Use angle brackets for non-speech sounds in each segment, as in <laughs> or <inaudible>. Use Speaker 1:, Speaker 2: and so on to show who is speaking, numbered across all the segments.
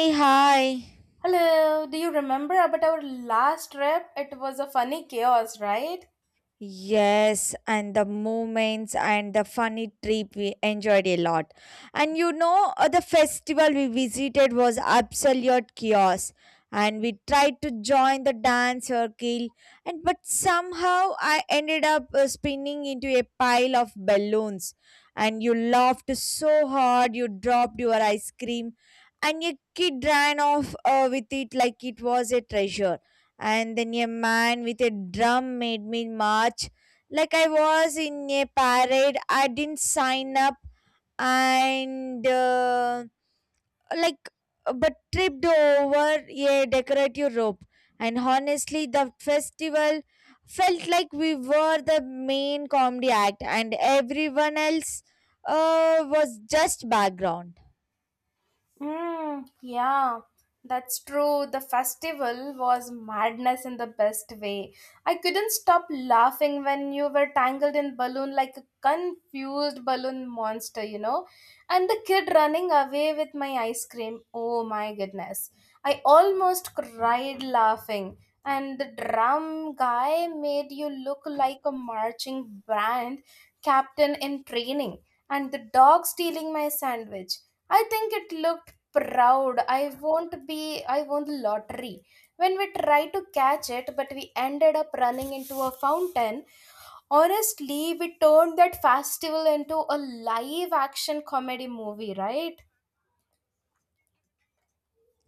Speaker 1: Hey, hi.
Speaker 2: Hello, do you remember about our last trip? It was a funny chaos, right?
Speaker 1: Yes, and the moments and the funny trip we enjoyed a lot. And you know, the festival we visited was absolute chaos. And we tried to join the dance circle, and but somehow I ended up spinning into a pile of balloons. And you laughed so hard, you dropped your ice cream, and a kid ran off with it like it was a treasure. And then a man with a drum made me march like I was in a parade. I didn't sign up, and like but tripped over a decorative rope. And honestly, the festival felt like we were the main comedy act, and everyone else was just background.
Speaker 2: Yeah, that's true. The festival was madness in the best way. I couldn't stop laughing when you were tangled in balloon like a confused balloon monster, And the kid running away with my ice cream. Oh my goodness. I almost cried laughing. And the drum guy made you look like a marching band captain in training. And the dog stealing my sandwich. I think it looked proud. I won't be i won the lottery when we tried to catch it, but we ended up running into a fountain. Honestly, we turned that festival into a live action comedy movie, right?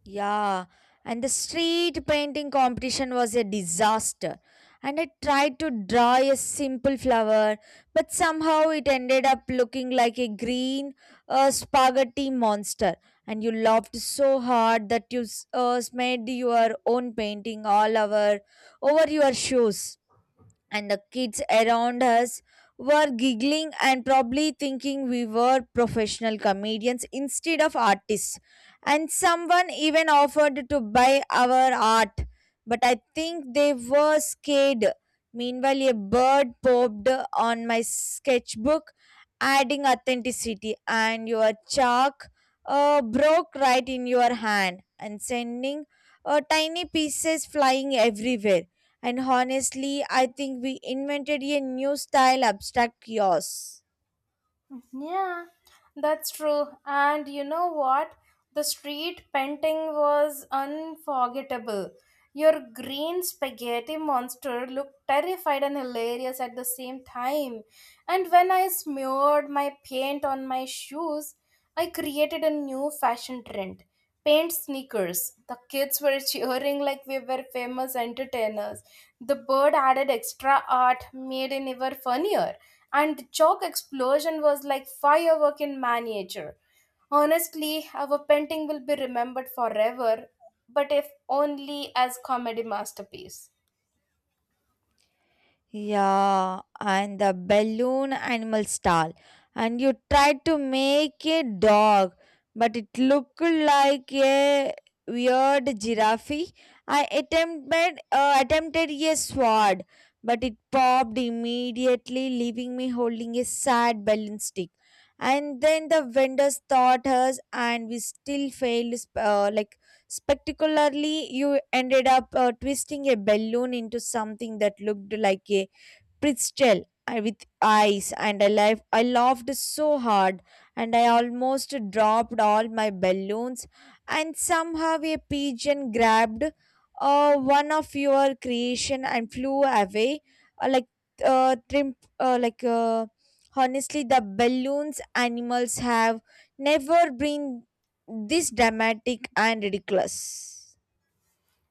Speaker 1: Yeah, and the street painting competition was a disaster. And I tried to draw a simple flower, but somehow it ended up looking like a green, spaghetti monster. And you laughed so hard that you made your own painting all over your shoes, and the kids around us were giggling and probably thinking we were professional comedians instead of artists. And someone even offered to buy our art, but I think they were scared. Meanwhile, a bird popped on my sketchbook, adding authenticity, and your chalk broke right in your hand, and sending tiny pieces flying everywhere. And honestly, I think we invented a new style abstract kiosk.
Speaker 2: Yeah, that's true. And you know what? The street painting was unforgettable. Your green spaghetti monster looked terrified and hilarious at the same time. And when I smeared my paint on my shoes, I created a new fashion trend, paint sneakers. The kids were <laughs> cheering like we were famous entertainers. The bird added extra art, made it ever funnier, and the chalk explosion was like firework in miniature. Honestly, our painting will be remembered forever, but if only as comedy masterpiece.
Speaker 1: Yeah, and the balloon animal stall. And you tried to make a dog, but it looked like a weird giraffe. I attempted a sword, but it popped immediately, leaving me holding a sad balloon stick. And then the vendors thought us, and we still failed, spectacularly. You ended up twisting a balloon into something that looked like a pretzel with ice, and I laughed so hard, and I almost dropped all my balloons. And somehow a pigeon grabbed one of your creation and flew away, like trim, like honestly, the balloons animals have never been this dramatic and ridiculous.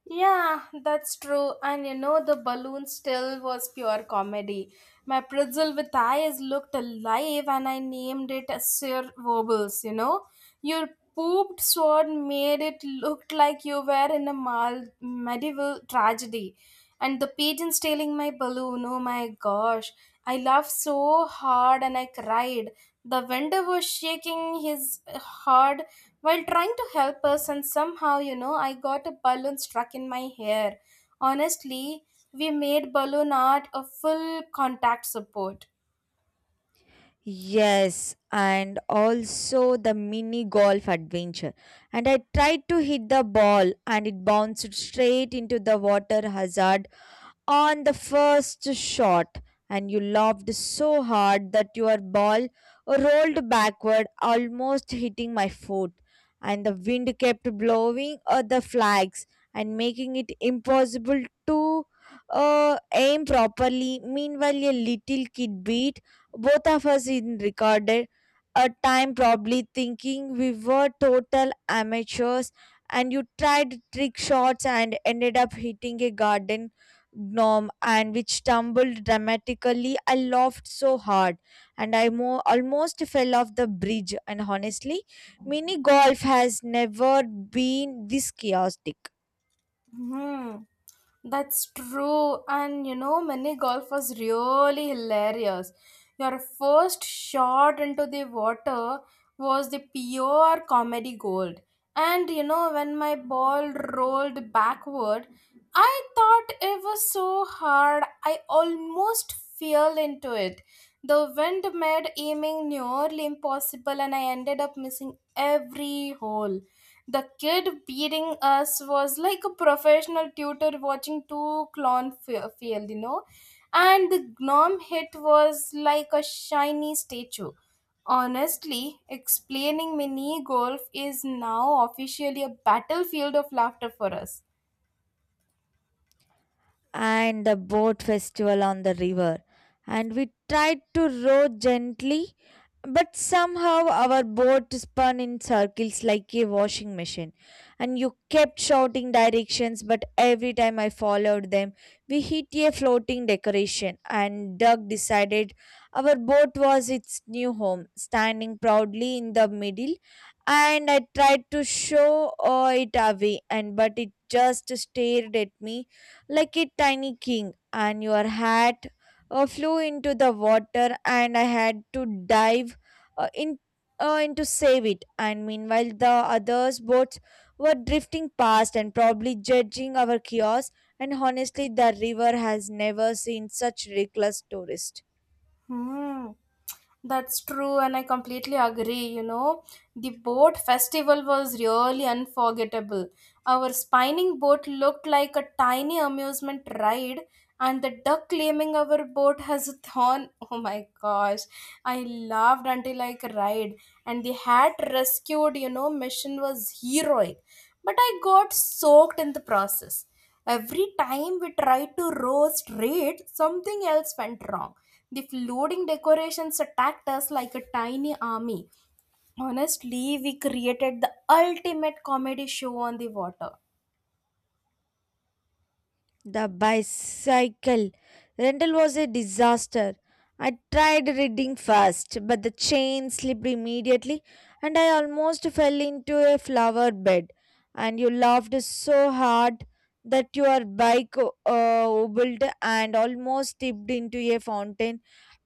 Speaker 2: Yeah, that's true. And you know, the balloon still was pure comedy. My pretzel with eyes looked alive, and I named it as Sir Wobbles. You know, your pooped sword made it look like you were in a medieval tragedy. And the pigeons tailing my balloon, oh my gosh. I laughed so hard and I cried. The vendor was shaking his head while trying to help us, and somehow, you know, I got a balloon stuck in my hair. Honestly, we made balloon art a full contact support.
Speaker 1: Yes, and also the mini golf adventure. And I tried to hit the ball, and it bounced straight into the water hazard on the first shot, and you laughed so hard that your ball rolled backward, almost hitting my foot. And the wind kept blowing at the flags and making it impossible to aim properly. Meanwhile, a little kid beat both of us in recorded a time, probably thinking we were total amateurs. And you tried trick shots and ended up hitting a garden gnome, and which tumbled dramatically. I laughed so hard, and almost fell off the bridge. And honestly, mini golf has never been this chaotic.
Speaker 2: Hmm. That's true, and you know, mini golf was really hilarious. Your first shot into the water was the pure comedy gold. And you know, when my ball rolled backward, I thought it was so hard, I almost fell into it. The wind made aiming nearly impossible, and I ended up missing every hole. The kid beating us was like a professional tutor watching two field, you know. And the gnome hit was like a shiny statue. Honestly, explaining mini golf is now officially a battlefield of laughter for us.
Speaker 1: And the boat festival on the river. And we tried to row gently, but somehow our boat spun in circles like a washing machine. And you kept shouting directions, but every time I followed them, we hit a floating decoration. And Doug decided our boat was its new home, standing proudly in the middle. And I tried to show it away, and but it just stared at me like a tiny king, and your hat flew into the water, and I had to dive uh, in, in to save it. And meanwhile, the others' boats were drifting past and probably judging our chaos. And honestly, the river has never seen such reckless tourists.
Speaker 2: Hmm. That's true, and I completely agree. You know, the boat festival was really unforgettable. Our spinning boat looked like a tiny amusement ride, and the duck claiming our boat has a thorn. Oh my gosh, I laughed until I cried, and the hat rescued, you know, mission was heroic. But I got soaked in the process. Every time we tried to row straight, something else went wrong. The floating decorations attacked us like a tiny army. Honestly, we created the ultimate comedy show on the water.
Speaker 1: The bicycle rental was a disaster. I tried reading first, but the chain slipped immediately, and I almost fell into a flower bed. And you laughed so hard that your bike wobbled and almost tipped into a fountain.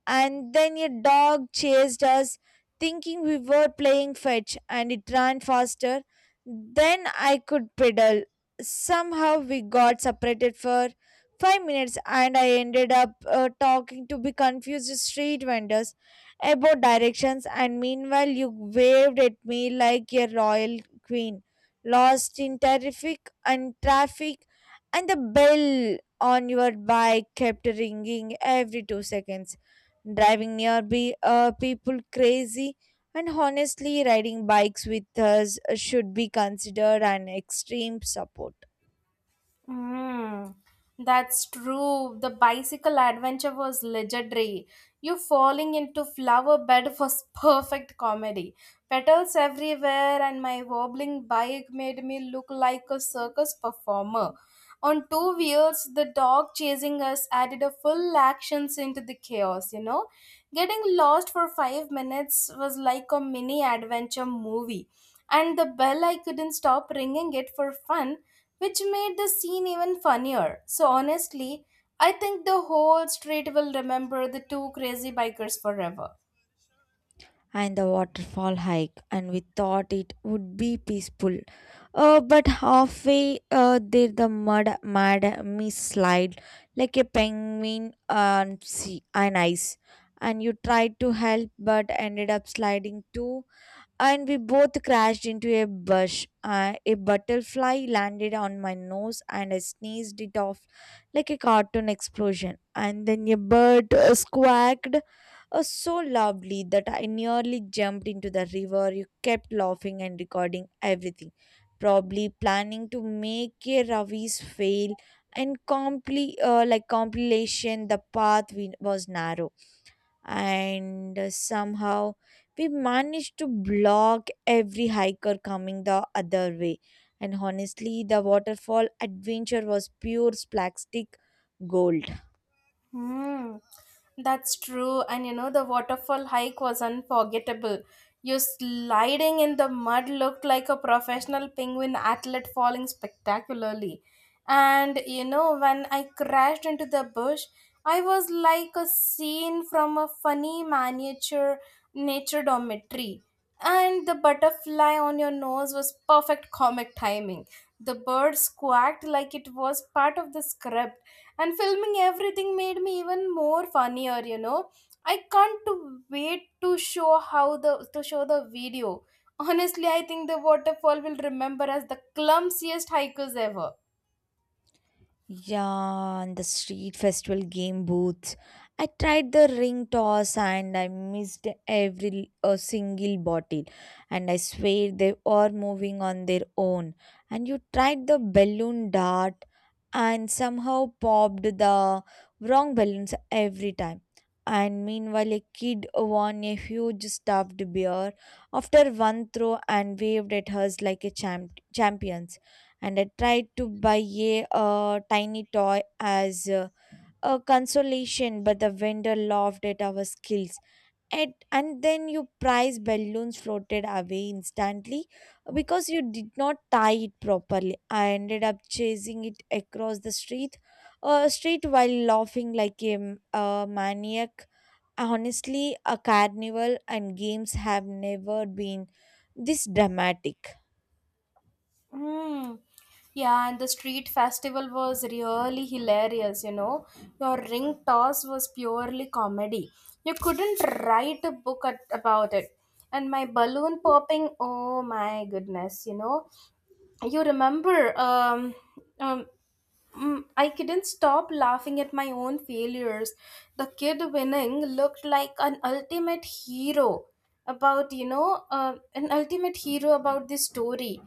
Speaker 1: And then a dog chased us, thinking we were playing fetch, and it ran faster than I could pedal. Somehow we got separated for 5 minutes, and I ended up talking to be confused street vendors about directions. And meanwhile, you waved at me like a royal queen, lost in terrific and traffic, and the bell on your bike kept ringing every 2 seconds, driving nearby people crazy. And honestly, riding bikes with us should be considered an extreme support.
Speaker 2: Mm, that's true. The bicycle adventure was legendary. You falling into flower bed was <laughs> perfect comedy. Petals everywhere, and my wobbling bike made me look like a circus performer. On two wheels, the dog chasing us added a full actions into the chaos, you know. Getting lost for 5 minutes was like a mini adventure movie. And the bell, I couldn't stop ringing it for fun, which made the scene even funnier. So honestly, I think the whole street will remember the two crazy bikers forever.
Speaker 1: And the waterfall hike, and we thought it would be peaceful, but halfway there the mud mad me slide like a penguin on sea and ice. And you tried to help but ended up sliding too, and we both crashed into a bush. A butterfly landed on my nose, and I sneezed it off like a cartoon explosion. And then a bird squawked so loudly that I nearly jumped into the river. You kept laughing and recording everything, probably planning to make a Ravi's fail and compilation. The path was narrow, and somehow we managed to block every hiker coming the other way. And honestly, the waterfall adventure was pure splastic gold.
Speaker 2: Hmm, that's true. And you know, the waterfall hike was unforgettable. You sliding in the mud looked like a professional penguin athlete falling spectacularly. And you know, when I crashed into the bush, I was like a scene from a funny miniature nature documentary. And the butterfly on your nose was perfect comic timing. The bird squawked like it was part of the script, and filming everything made me even more funnier, you know. I can't to wait to show how the to show the video. Honestly, I think the waterfall will remember as the clumsiest hikers ever.
Speaker 1: Yeah, and the street festival game booths. I tried the ring toss, and I missed every a single bottle. And I swear they are moving on their own. And you tried the balloon dart, and somehow popped the wrong balloons every time. And meanwhile, a kid won a huge stuffed bear after one throw and waved at us like a champion. And I tried to buy a tiny toy as a consolation, but the vendor laughed at our skills. And then your prize balloons floated away instantly because you did not tie it properly. I ended up chasing it across the street while laughing like a a maniac. Honestly, a carnival and games have never been this dramatic.
Speaker 2: Hmm. Yeah, and the street festival was really hilarious, you know. Your ring toss was purely comedy. You couldn't write a book at, about it. And my balloon popping, oh my goodness, you know. you remember um, um, I couldn't stop laughing at my own failures. The kid winning looked like an ultimate hero about you know, an ultimate hero about this story.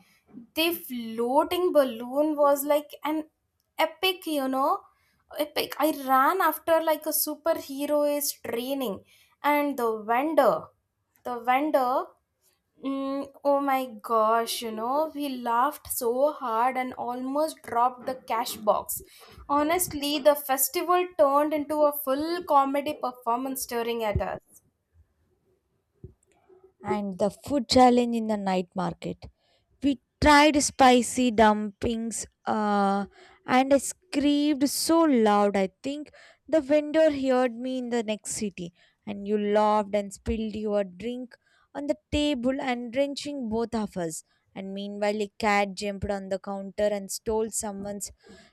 Speaker 2: The floating balloon was like an epic you know epic. I ran after like a superhero is training. And the vendor. Oh my gosh, you know, we laughed so hard and almost dropped the cash box. Honestly, the festival turned into a full comedy performance staring at us.
Speaker 1: And the food challenge in the night market. We tried spicy dumplings, and I screamed so loud. I think the vendor heard me in the next city, and you laughed and spilled your drink on the table and drenching both of us. And meanwhile, a cat jumped on the counter and stole someone's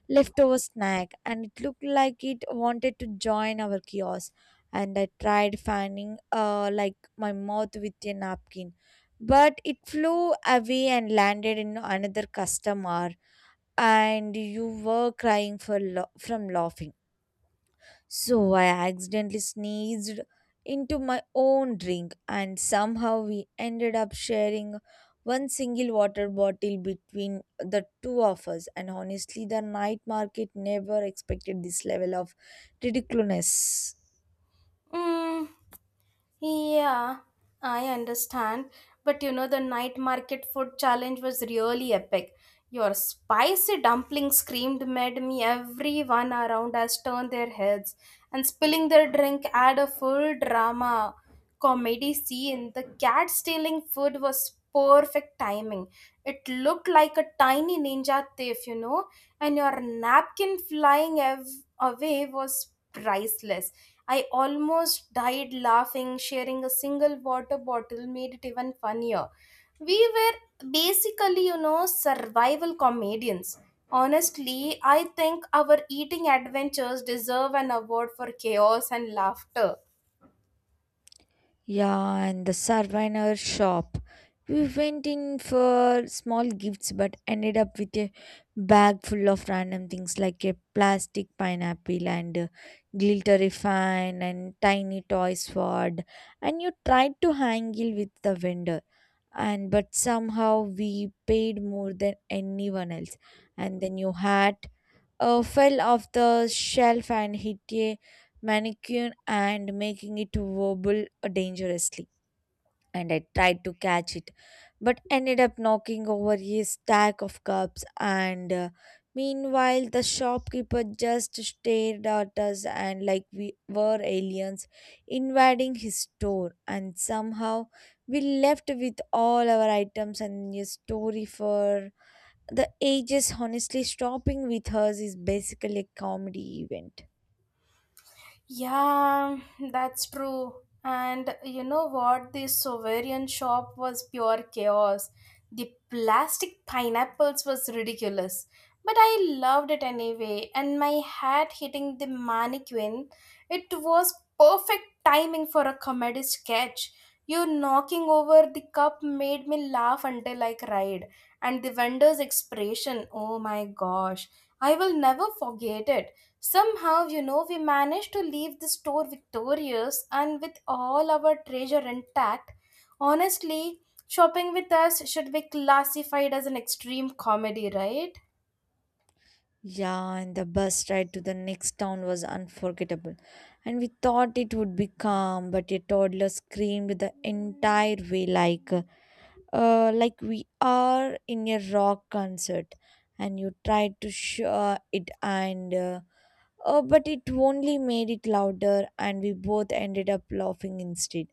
Speaker 1: leftover snack, and it looked like it wanted to join our kiosk. And I tried fanning, my mouth with a napkin, but it flew away and landed in another customer, and you were crying from laughing. So I accidentally sneezed into my own drink, and somehow we ended up sharing one single water bottle between the two of us. And honestly, the night market never expected this level of ridiculousness.
Speaker 2: Mm. Yeah, I understand. But you know, the night market food challenge was really epic. Your spicy dumpling screamed made me everyone around us turn their heads, and spilling their drink add a full drama comedy scene. The cat stealing food was perfect timing. It looked like a tiny ninja thief, you know, and your napkin away was priceless. I almost died laughing. Sharing a single water bottle made it even funnier. We were basically, you know, survival comedians. Honestly, I think our eating adventures deserve an award for chaos and laughter.
Speaker 1: Yeah, and the souvenir shop. We went in for small gifts but ended up with a bag full of random things like a plastic pineapple and a glittery fan and tiny toy sword. And you tried to haggle with the vendor, and but somehow we paid more than anyone else. And then your hat fell off the shelf and hit a mannequin and making it wobble dangerously. And I tried to catch it, but ended up knocking over a stack of cups. And meanwhile, the shopkeeper just stared at us and like we were aliens invading his store. And somehow, we left with all our items and a story for the ages. Honestly, shopping with us is basically a comedy event.
Speaker 2: Yeah, that's true. And you know what? This Sovereign shop was pure chaos. The plastic pineapples was ridiculous. But I loved it anyway, and my hat hitting the mannequin, it was perfect timing for a comedy sketch. You knocking over the cup made me laugh until I cried. And the vendor's expression, oh my gosh, I will never forget it. Somehow, you know, we managed to leave the store victorious and with all our treasure intact. Honestly, shopping with us should be classified as an extreme comedy, right?
Speaker 1: Yeah, and the bus ride to the next town was unforgettable. And we thought it would be calm, but a toddler screamed the entire way like, we are in a rock concert. And you tried to share it and but it only made it louder, and we both ended up laughing instead.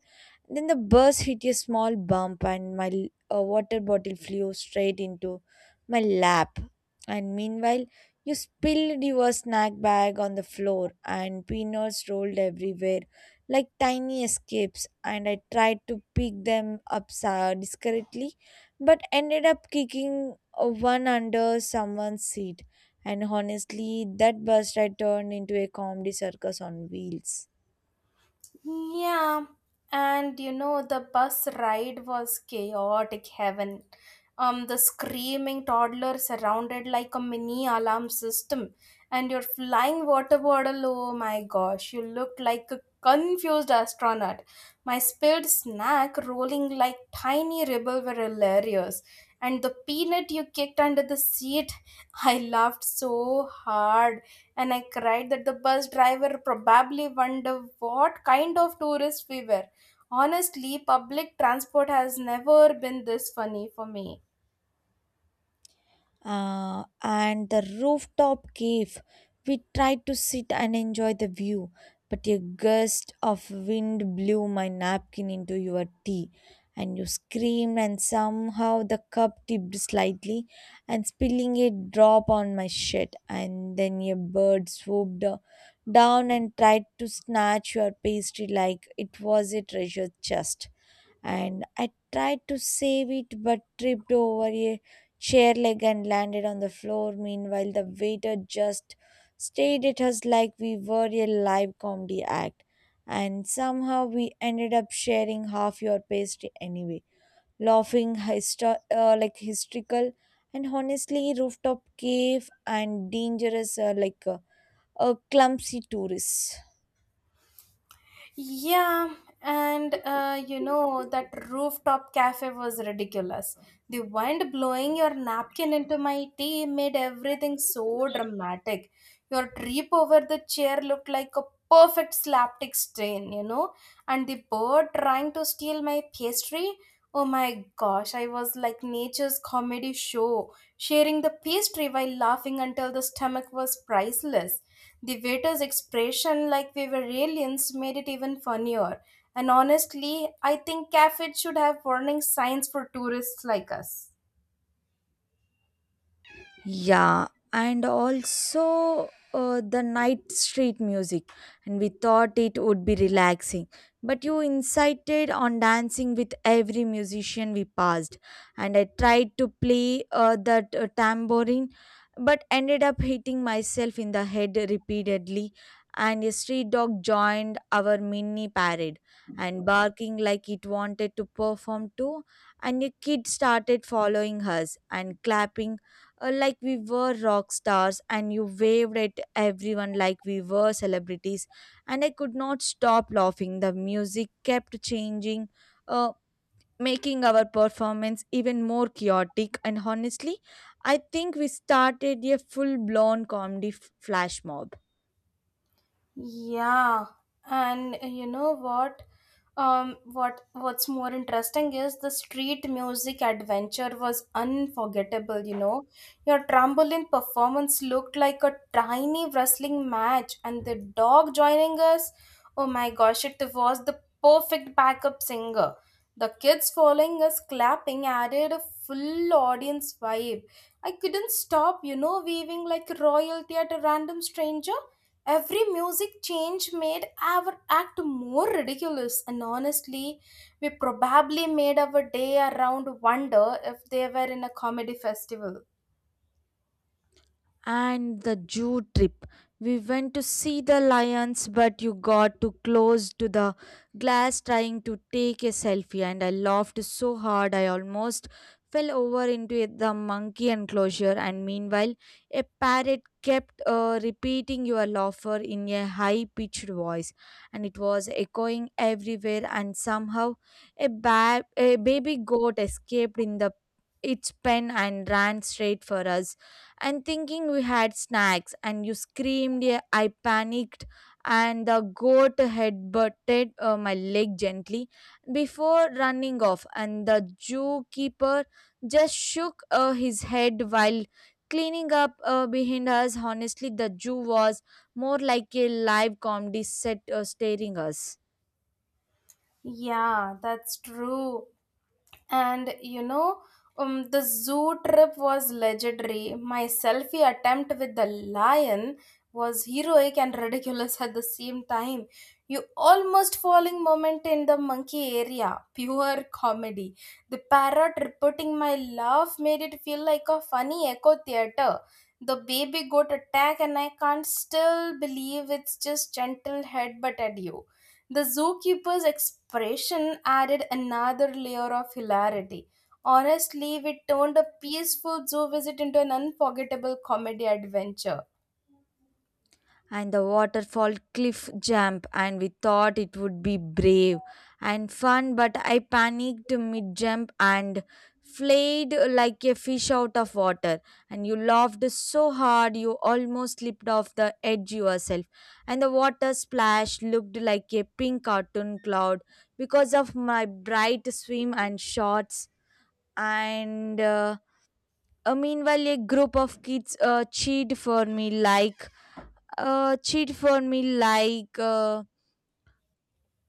Speaker 1: Then the bus hit a small bump, and a water bottle flew straight into my lap. And meanwhile, you spilled your snack bag on the floor, and peanuts rolled everywhere like tiny escapes. And I tried to pick them up discreetly, but ended up kicking one under someone's seat. And honestly, that bus ride turned into a comedy circus on wheels.
Speaker 2: Yeah, and you know, the bus ride was chaotic heaven. The screaming toddler surrounded like a mini alarm system, and your flying water bottle. Oh my gosh, you looked like a confused astronaut. My spilled snack rolling like tiny ribble were hilarious, and the peanut you kicked under the seat. <laughs> I laughed so hard and I cried that the bus driver probably wondered what kind of tourists we were. Honestly, public transport has never been this funny for me.
Speaker 1: And the rooftop cave. We tried to sit and enjoy the view, but a gust of wind blew my napkin into your tea, and you screamed, and somehow the cup tipped slightly and spilling a drop on my shirt. And then a bird swooped down and tried to snatch your pastry like it was a treasure chest. And I tried to save it but tripped over a chair leg and landed on the floor. Meanwhile, the waiter just stared at us like we were a live comedy act, and somehow we ended up sharing half your pastry anyway, laughing hysterical. And honestly, rooftop cave and dangerous a clumsy tourist.
Speaker 2: Yeah, and you know, that rooftop cafe was ridiculous. The wind blowing your napkin into my tea made everything so dramatic. Your trip over the chair looked like a perfect slapstick strain, you know, and the bird trying to steal my pastry. Oh my gosh, I was like nature's comedy show. Sharing the pastry while laughing until the stomach was priceless. The waiter's expression, like we were aliens, made it even funnier. And honestly, I think cafes should have warning signs for tourists like us.
Speaker 1: Yeah, and also the night street music, and we thought it would be relaxing. But you incited on dancing with every musician we passed, and I tried to play that tambourine, but ended up hitting myself in the head repeatedly. And a street dog joined our mini parade and barking like it wanted to perform too. And a kid started following us and clapping like we were rock stars, and you waved at everyone like we were celebrities, and I could not stop laughing. The music kept changing, uh, making our performance even more chaotic. And honestly, I think we started a full blown comedy flash mob.
Speaker 2: Yeah, and you know what? What what's more interesting is the street music adventure was unforgettable. You know, your trampoline performance looked like a tiny wrestling match, and the dog joining us. Oh my gosh, it was the perfect backup singer. The kids following us clapping added a full audience vibe. I couldn't stop, you know, waving like royalty at a random stranger. Every music change made our act more ridiculous, and honestly, we probably made our day around wonder if they were in a comedy festival.
Speaker 1: And the Jew trip. We went to see the lions, but you got too close to the glass trying to take a selfie, and I laughed so hard I almost fell over into the monkey enclosure. And meanwhile, a parrot kept repeating your laughter in a high pitched voice, and it was echoing everywhere. And somehow, a baby goat escaped in the its pen and ran straight for us, and thinking we had snacks. And you screamed, yeah, I panicked, and the goat had butted my leg gently before running off. And the zookeeper just shook his head while cleaning up behind us. Honestly, the zoo was more like a live comedy set staring us.
Speaker 2: Yeah, that's true. And the zoo trip was legendary. My selfie attempt with the lion was heroic and ridiculous at the same time. You almost falling moment in the monkey area, pure comedy. The parrot reporting my laugh made it feel like a funny echo theater. The baby goat attack, and I can't still believe it's just gentle headbutt at you. The zookeeper's expression added another layer of hilarity. Honestly, it turned a peaceful zoo visit into an unforgettable comedy adventure.
Speaker 1: And the waterfall cliff jump, and we thought it would be brave and fun, but I panicked mid jump and flayed like a fish out of water. And you laughed so hard you almost slipped off the edge yourself. And the water splash looked like a pink cartoon cloud because of my bright swim and shorts. And Meanwhile, a group of kids cheered for me like, uh, cheat for me like uh,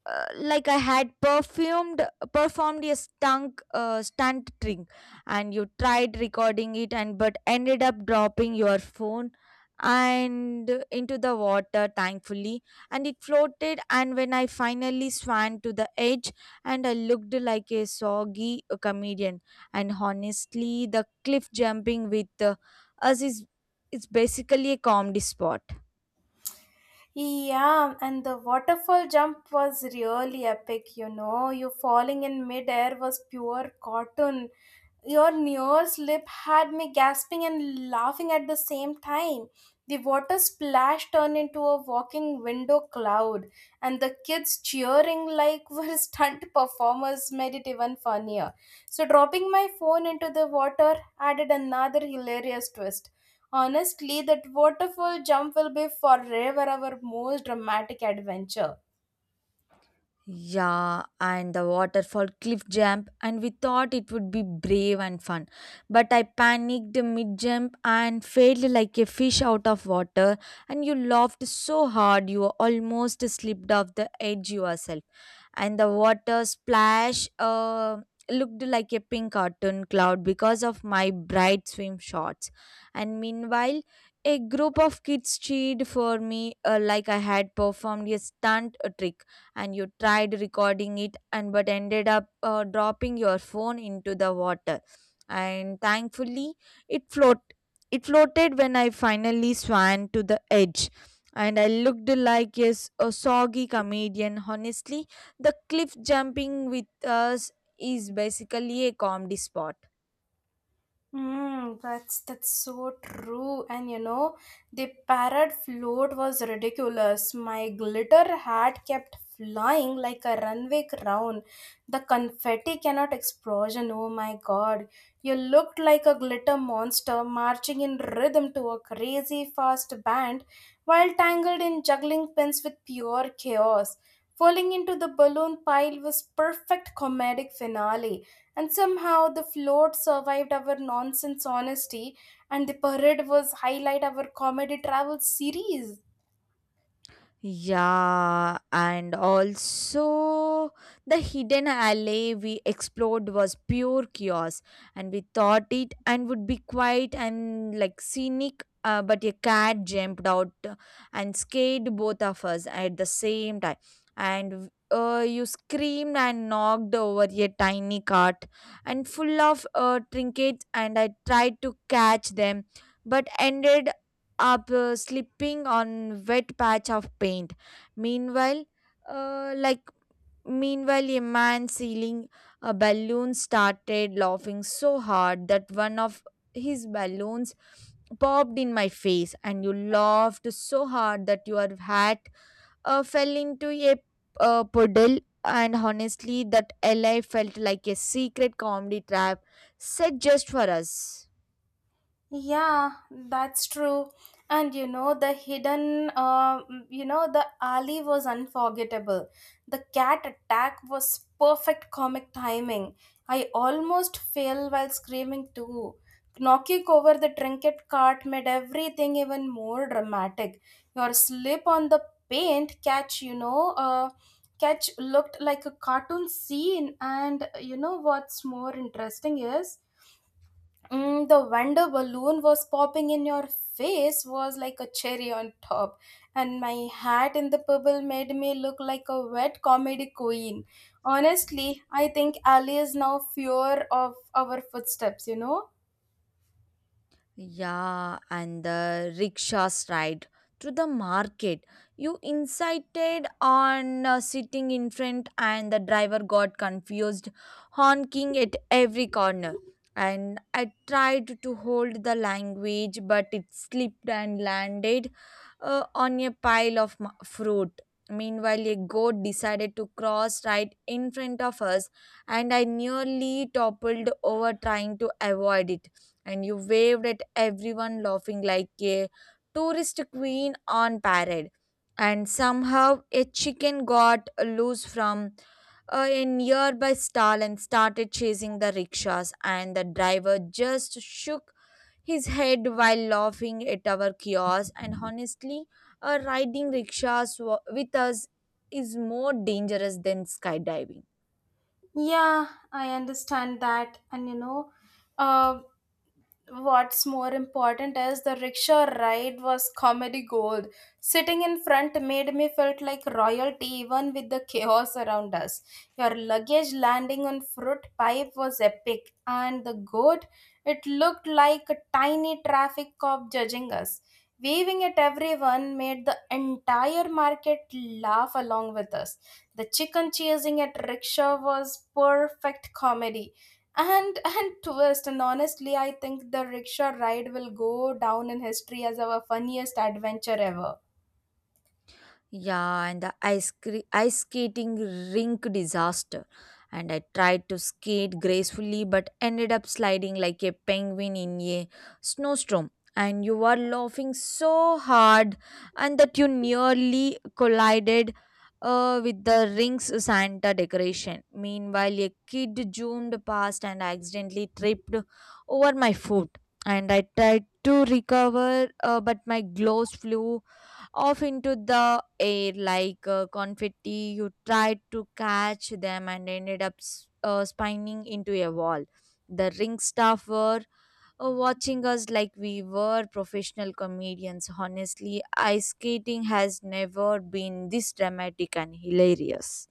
Speaker 1: like I had perfumed performed a stunk stunt trick, and you tried recording it, and but ended up dropping your phone and into the water. Thankfully, and it floated. And when I finally swam to the edge, and I looked like a soggy comedian. And honestly, the cliff jumping with us is it's basically a comedy spot.
Speaker 2: Yeah, and the waterfall jump was really epic, you know. You falling in midair was pure cartoon. Your near slip had me gasping and laughing at the same time. The water splash turned into a walking window cloud, and the kids cheering like <laughs> were stunt performers made it even funnier. So, dropping my phone into the water added another hilarious twist. Honestly, that waterfall jump will be forever our most dramatic adventure.
Speaker 1: Yeah, and the waterfall cliff jump, and we thought it would be brave and fun. But I panicked mid jump and failed like a fish out of water. And you laughed so hard you almost slipped off the edge yourself. And the water splash looked like a pink cartoon cloud because of my bright swim shorts. And meanwhile, a group of kids cheered for me like I had performed a stunt trick, and you tried recording it, and but ended up dropping your phone into the water. And thankfully, it float it floated when I finally swam to the edge. And I looked like, yes, a soggy comedian. Honestly, the cliff jumping with us is basically a comedy spot.
Speaker 2: That's so true. And you know, the parrot float was ridiculous. My glitter hat kept flying like a runway crown. The confetti cannot explosion. Oh my god. You looked like a glitter monster marching in rhythm to a crazy fast band, while tangled in juggling pins with pure chaos. Falling into the balloon pile was perfect comedic finale, and somehow the float survived our nonsense honesty, and the parade was highlight our comedy travel series.
Speaker 1: Yeah, and also the hidden alley we explored was pure chaos, and we thought it and would be quiet and like scenic. But a cat jumped out and scared both of us at the same time, and you screamed and knocked over a tiny cart and full of trinkets. And I tried to catch them, but ended up slipping on wet patch of paint. meanwhile uh, like Meanwhile, a man sealing a balloon started laughing so hard that one of his balloons popped in my face. And you laughed so hard that your hat fell into a puddle. And honestly, that la felt like a secret comedy trap set just for us.
Speaker 2: Yeah, that's true. And you know, the alley was unforgettable. The cat attack was perfect comic timing. I almost fell while screaming too. Knocking over the trinket cart made everything even more dramatic. Your slip on the paint catch, you know, catch looked like a cartoon scene. And you know what's more interesting is? The wonder balloon was popping in your face was like a cherry on top, and my hat in the pebble made me look like a wet comedy queen. Honestly, I think Ali is now fear of our footsteps, you know?
Speaker 1: Yeah, and the rickshaws ride to the market. You incited on sitting in front, and the driver got confused, honking at every corner. And I tried to hold the language, but it slipped and landed on a pile of fruit. Meanwhile, a goat decided to cross right in front of us, and I nearly toppled over trying to avoid it. And you waved at everyone, laughing like a tourist queen on parade. And somehow a chicken got loose from a nearby stall and started chasing the rickshaws, and the driver just shook his head while laughing at our chaos. And honestly, riding rickshaws with us is more dangerous than skydiving.
Speaker 2: Yeah, I understand that. And you know, uh, what's more important is the rickshaw ride was comedy gold. Sitting in front made me felt like royalty even with the chaos around us. Your luggage landing on fruit pipe was epic, and the goat, it looked like a tiny traffic cop judging us. Waving at everyone made the entire market laugh along with us. The chicken chasing at rickshaw was perfect comedy and twist, and honestly, I think the rickshaw ride will go down in history as our funniest adventure ever.
Speaker 1: Yeah, and the ice skating rink disaster. And I tried to skate gracefully but ended up sliding like a penguin in a snowstorm. And you were laughing so hard and that you nearly collided with the rink's Santa decoration. Meanwhile, a kid zoomed past and accidentally tripped over my foot. And I tried to recover, but my gloves flew off into the air like confetti. You tried to catch them and ended up spinning into a wall. The ring staff were watching us like we were professional comedians. Honestly, ice skating has never been this dramatic and hilarious.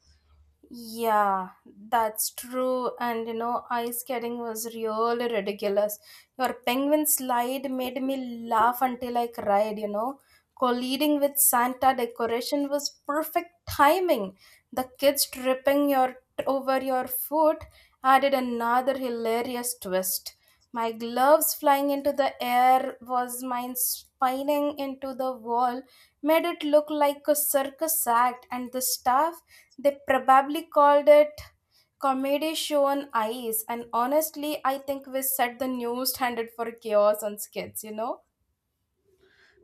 Speaker 2: Yeah, that's true. And you know, ice skating was really ridiculous. Your penguin slide made me laugh until I cried, you know. Colliding with Santa decoration was perfect timing. The kids tripping your over your foot added another hilarious twist. My gloves flying into the air was mine spining into the wall, made it look like a circus act, and the staff, they probably called it comedy show on ice, and honestly, I think we set the new standard for chaos on skits, you know?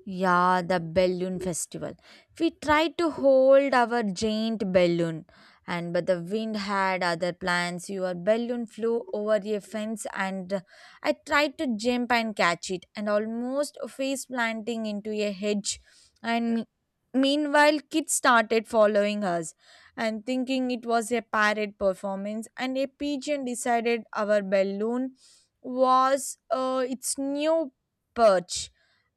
Speaker 1: Yeah, the balloon festival. We tried to hold our giant balloon, and but the wind had other plans. Your balloon flew over a fence, and I tried to jump and catch it, and almost face planting into a hedge. And meanwhile, kids started following us, and thinking it was a parrot performance. And a pigeon decided our balloon was its new perch.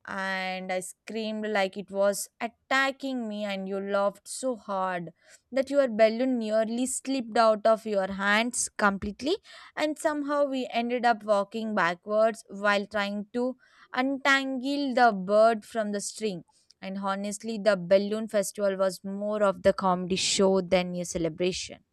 Speaker 1: And I screamed like it was attacking me, and you laughed so hard that your balloon nearly slipped out of your hands completely. And somehow we ended up walking backwards while trying to untangle the bird from the string. And honestly, the balloon festival was more of the comedy show than a celebration.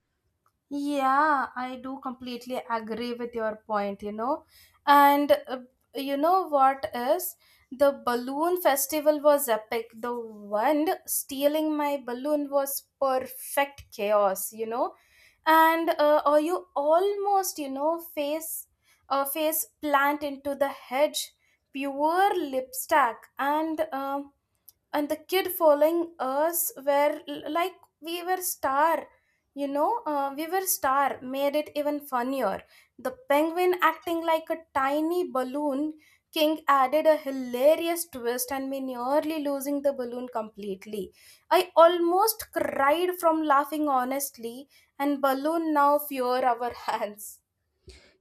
Speaker 2: Yeah, I do completely agree with your point, you know. And you know what is? The balloon festival was epic. The one stealing my balloon was perfect chaos, you know. And or you almost, you know, face plant into the hedge, pure lipstack. And the kid following us like we were star we were star made it even funnier. The penguin acting like a tiny balloon king added a hilarious twist, and me nearly losing the balloon completely, I almost cried from laughing. Honestly, and balloon now fear our <laughs> hands.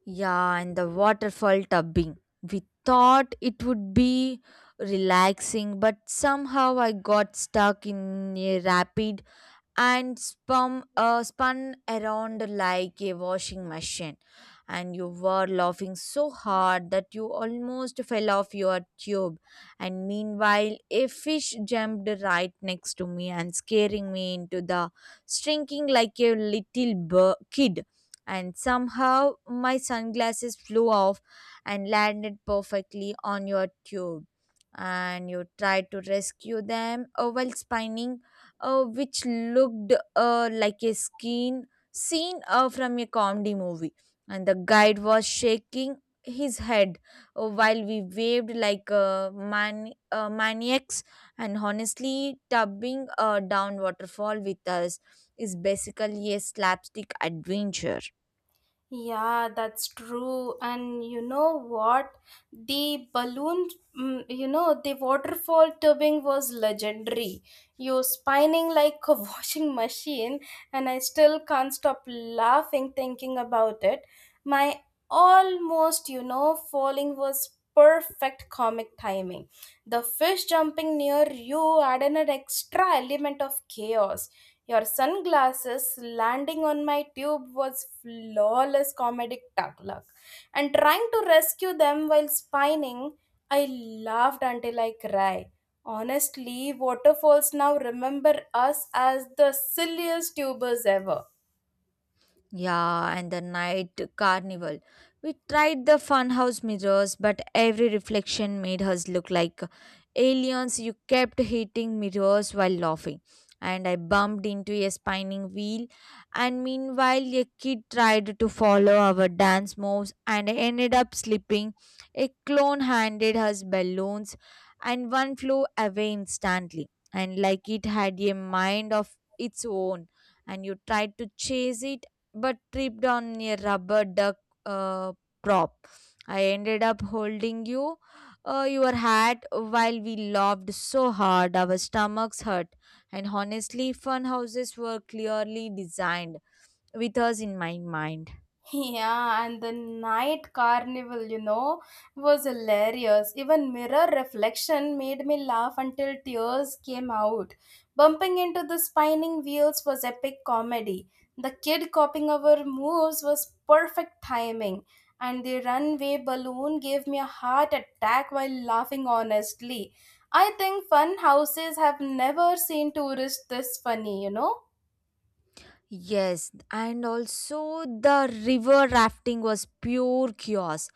Speaker 1: Yeah, and the waterfall tubing. We thought it would be relaxing, but somehow I got stuck in a rapid and spun around like a washing machine. And you were laughing so hard that you almost fell off your tube. And meanwhile, a fish jumped right next to me and scaring me into the shrinking like a little kid. And somehow my sunglasses flew off and landed perfectly on your tube. And you tried to rescue them while spinning, which looked like a skin scene from a comedy movie. And the guide was shaking his head while we waved like, maniacs. And honestly, tubbing down waterfall with us is basically a slapstick adventure.
Speaker 2: Yeah, that's true. And you know what? The balloon, you know, the waterfall tubing was legendary. You're spinning like a <laughs> washing machine, and I still can't stop laughing thinking about it. My almost, you know, falling was perfect comic timing. The fish jumping near you added an extra element of chaos. Your sunglasses landing on my tube was flawless comedic tuck luck. And trying to rescue them while spinning, I laughed until I cried. Honestly, waterfalls now remember us as the silliest tubers ever.
Speaker 1: Yeah, and the night carnival. We tried the funhouse mirrors, but every reflection made us look like aliens. You kept hitting mirrors while laughing, and I bumped into a spinning wheel. And meanwhile, a kid tried to follow our dance moves, and I ended up slipping. A clone handed us balloons, and one flew away instantly, and like it had a mind of its own. And you tried to chase it but tripped on a rubber duck uh, prop. I ended up holding you, your hat, while we laughed so hard our stomachs hurt. And honestly, fun houses were clearly designed with us in my mind.
Speaker 2: Yeah, and the night carnival, you know, was hilarious. Even mirror reflection made me laugh until tears came out. Bumping into the spinning wheels was epic comedy. The kid copying our moves was perfect timing. And the runway balloon gave me a heart attack while laughing honestly. I think fun houses have never seen tourists this funny, you know?
Speaker 1: Yes, and also the river rafting was pure chaos.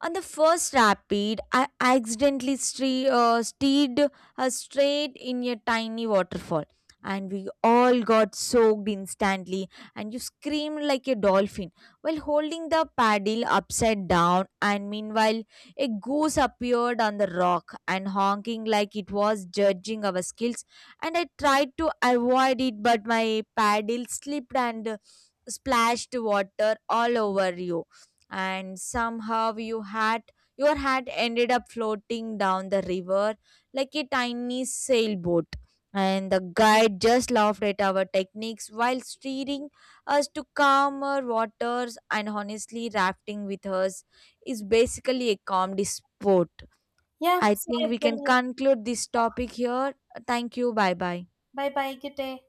Speaker 1: On the first rapid, I accidentally steered her straight in a tiny waterfall, and we all got soaked instantly. And you screamed like a dolphin while holding the paddle upside down. And meanwhile, a goose appeared on the rock and honking like it was judging our skills. And I tried to avoid it, but my paddle slipped and splashed water all over you. And somehow you had your hat ended up floating down the river like a tiny sailboat. And the guide just laughed at our techniques while steering us to calmer waters. And honestly, rafting with us is basically a calm sport.
Speaker 2: Yeah,
Speaker 1: I
Speaker 2: so
Speaker 1: think
Speaker 2: I
Speaker 1: we can
Speaker 2: believe.
Speaker 1: conclude this topic here. Thank you. Bye bye.
Speaker 2: Bye bye, good day.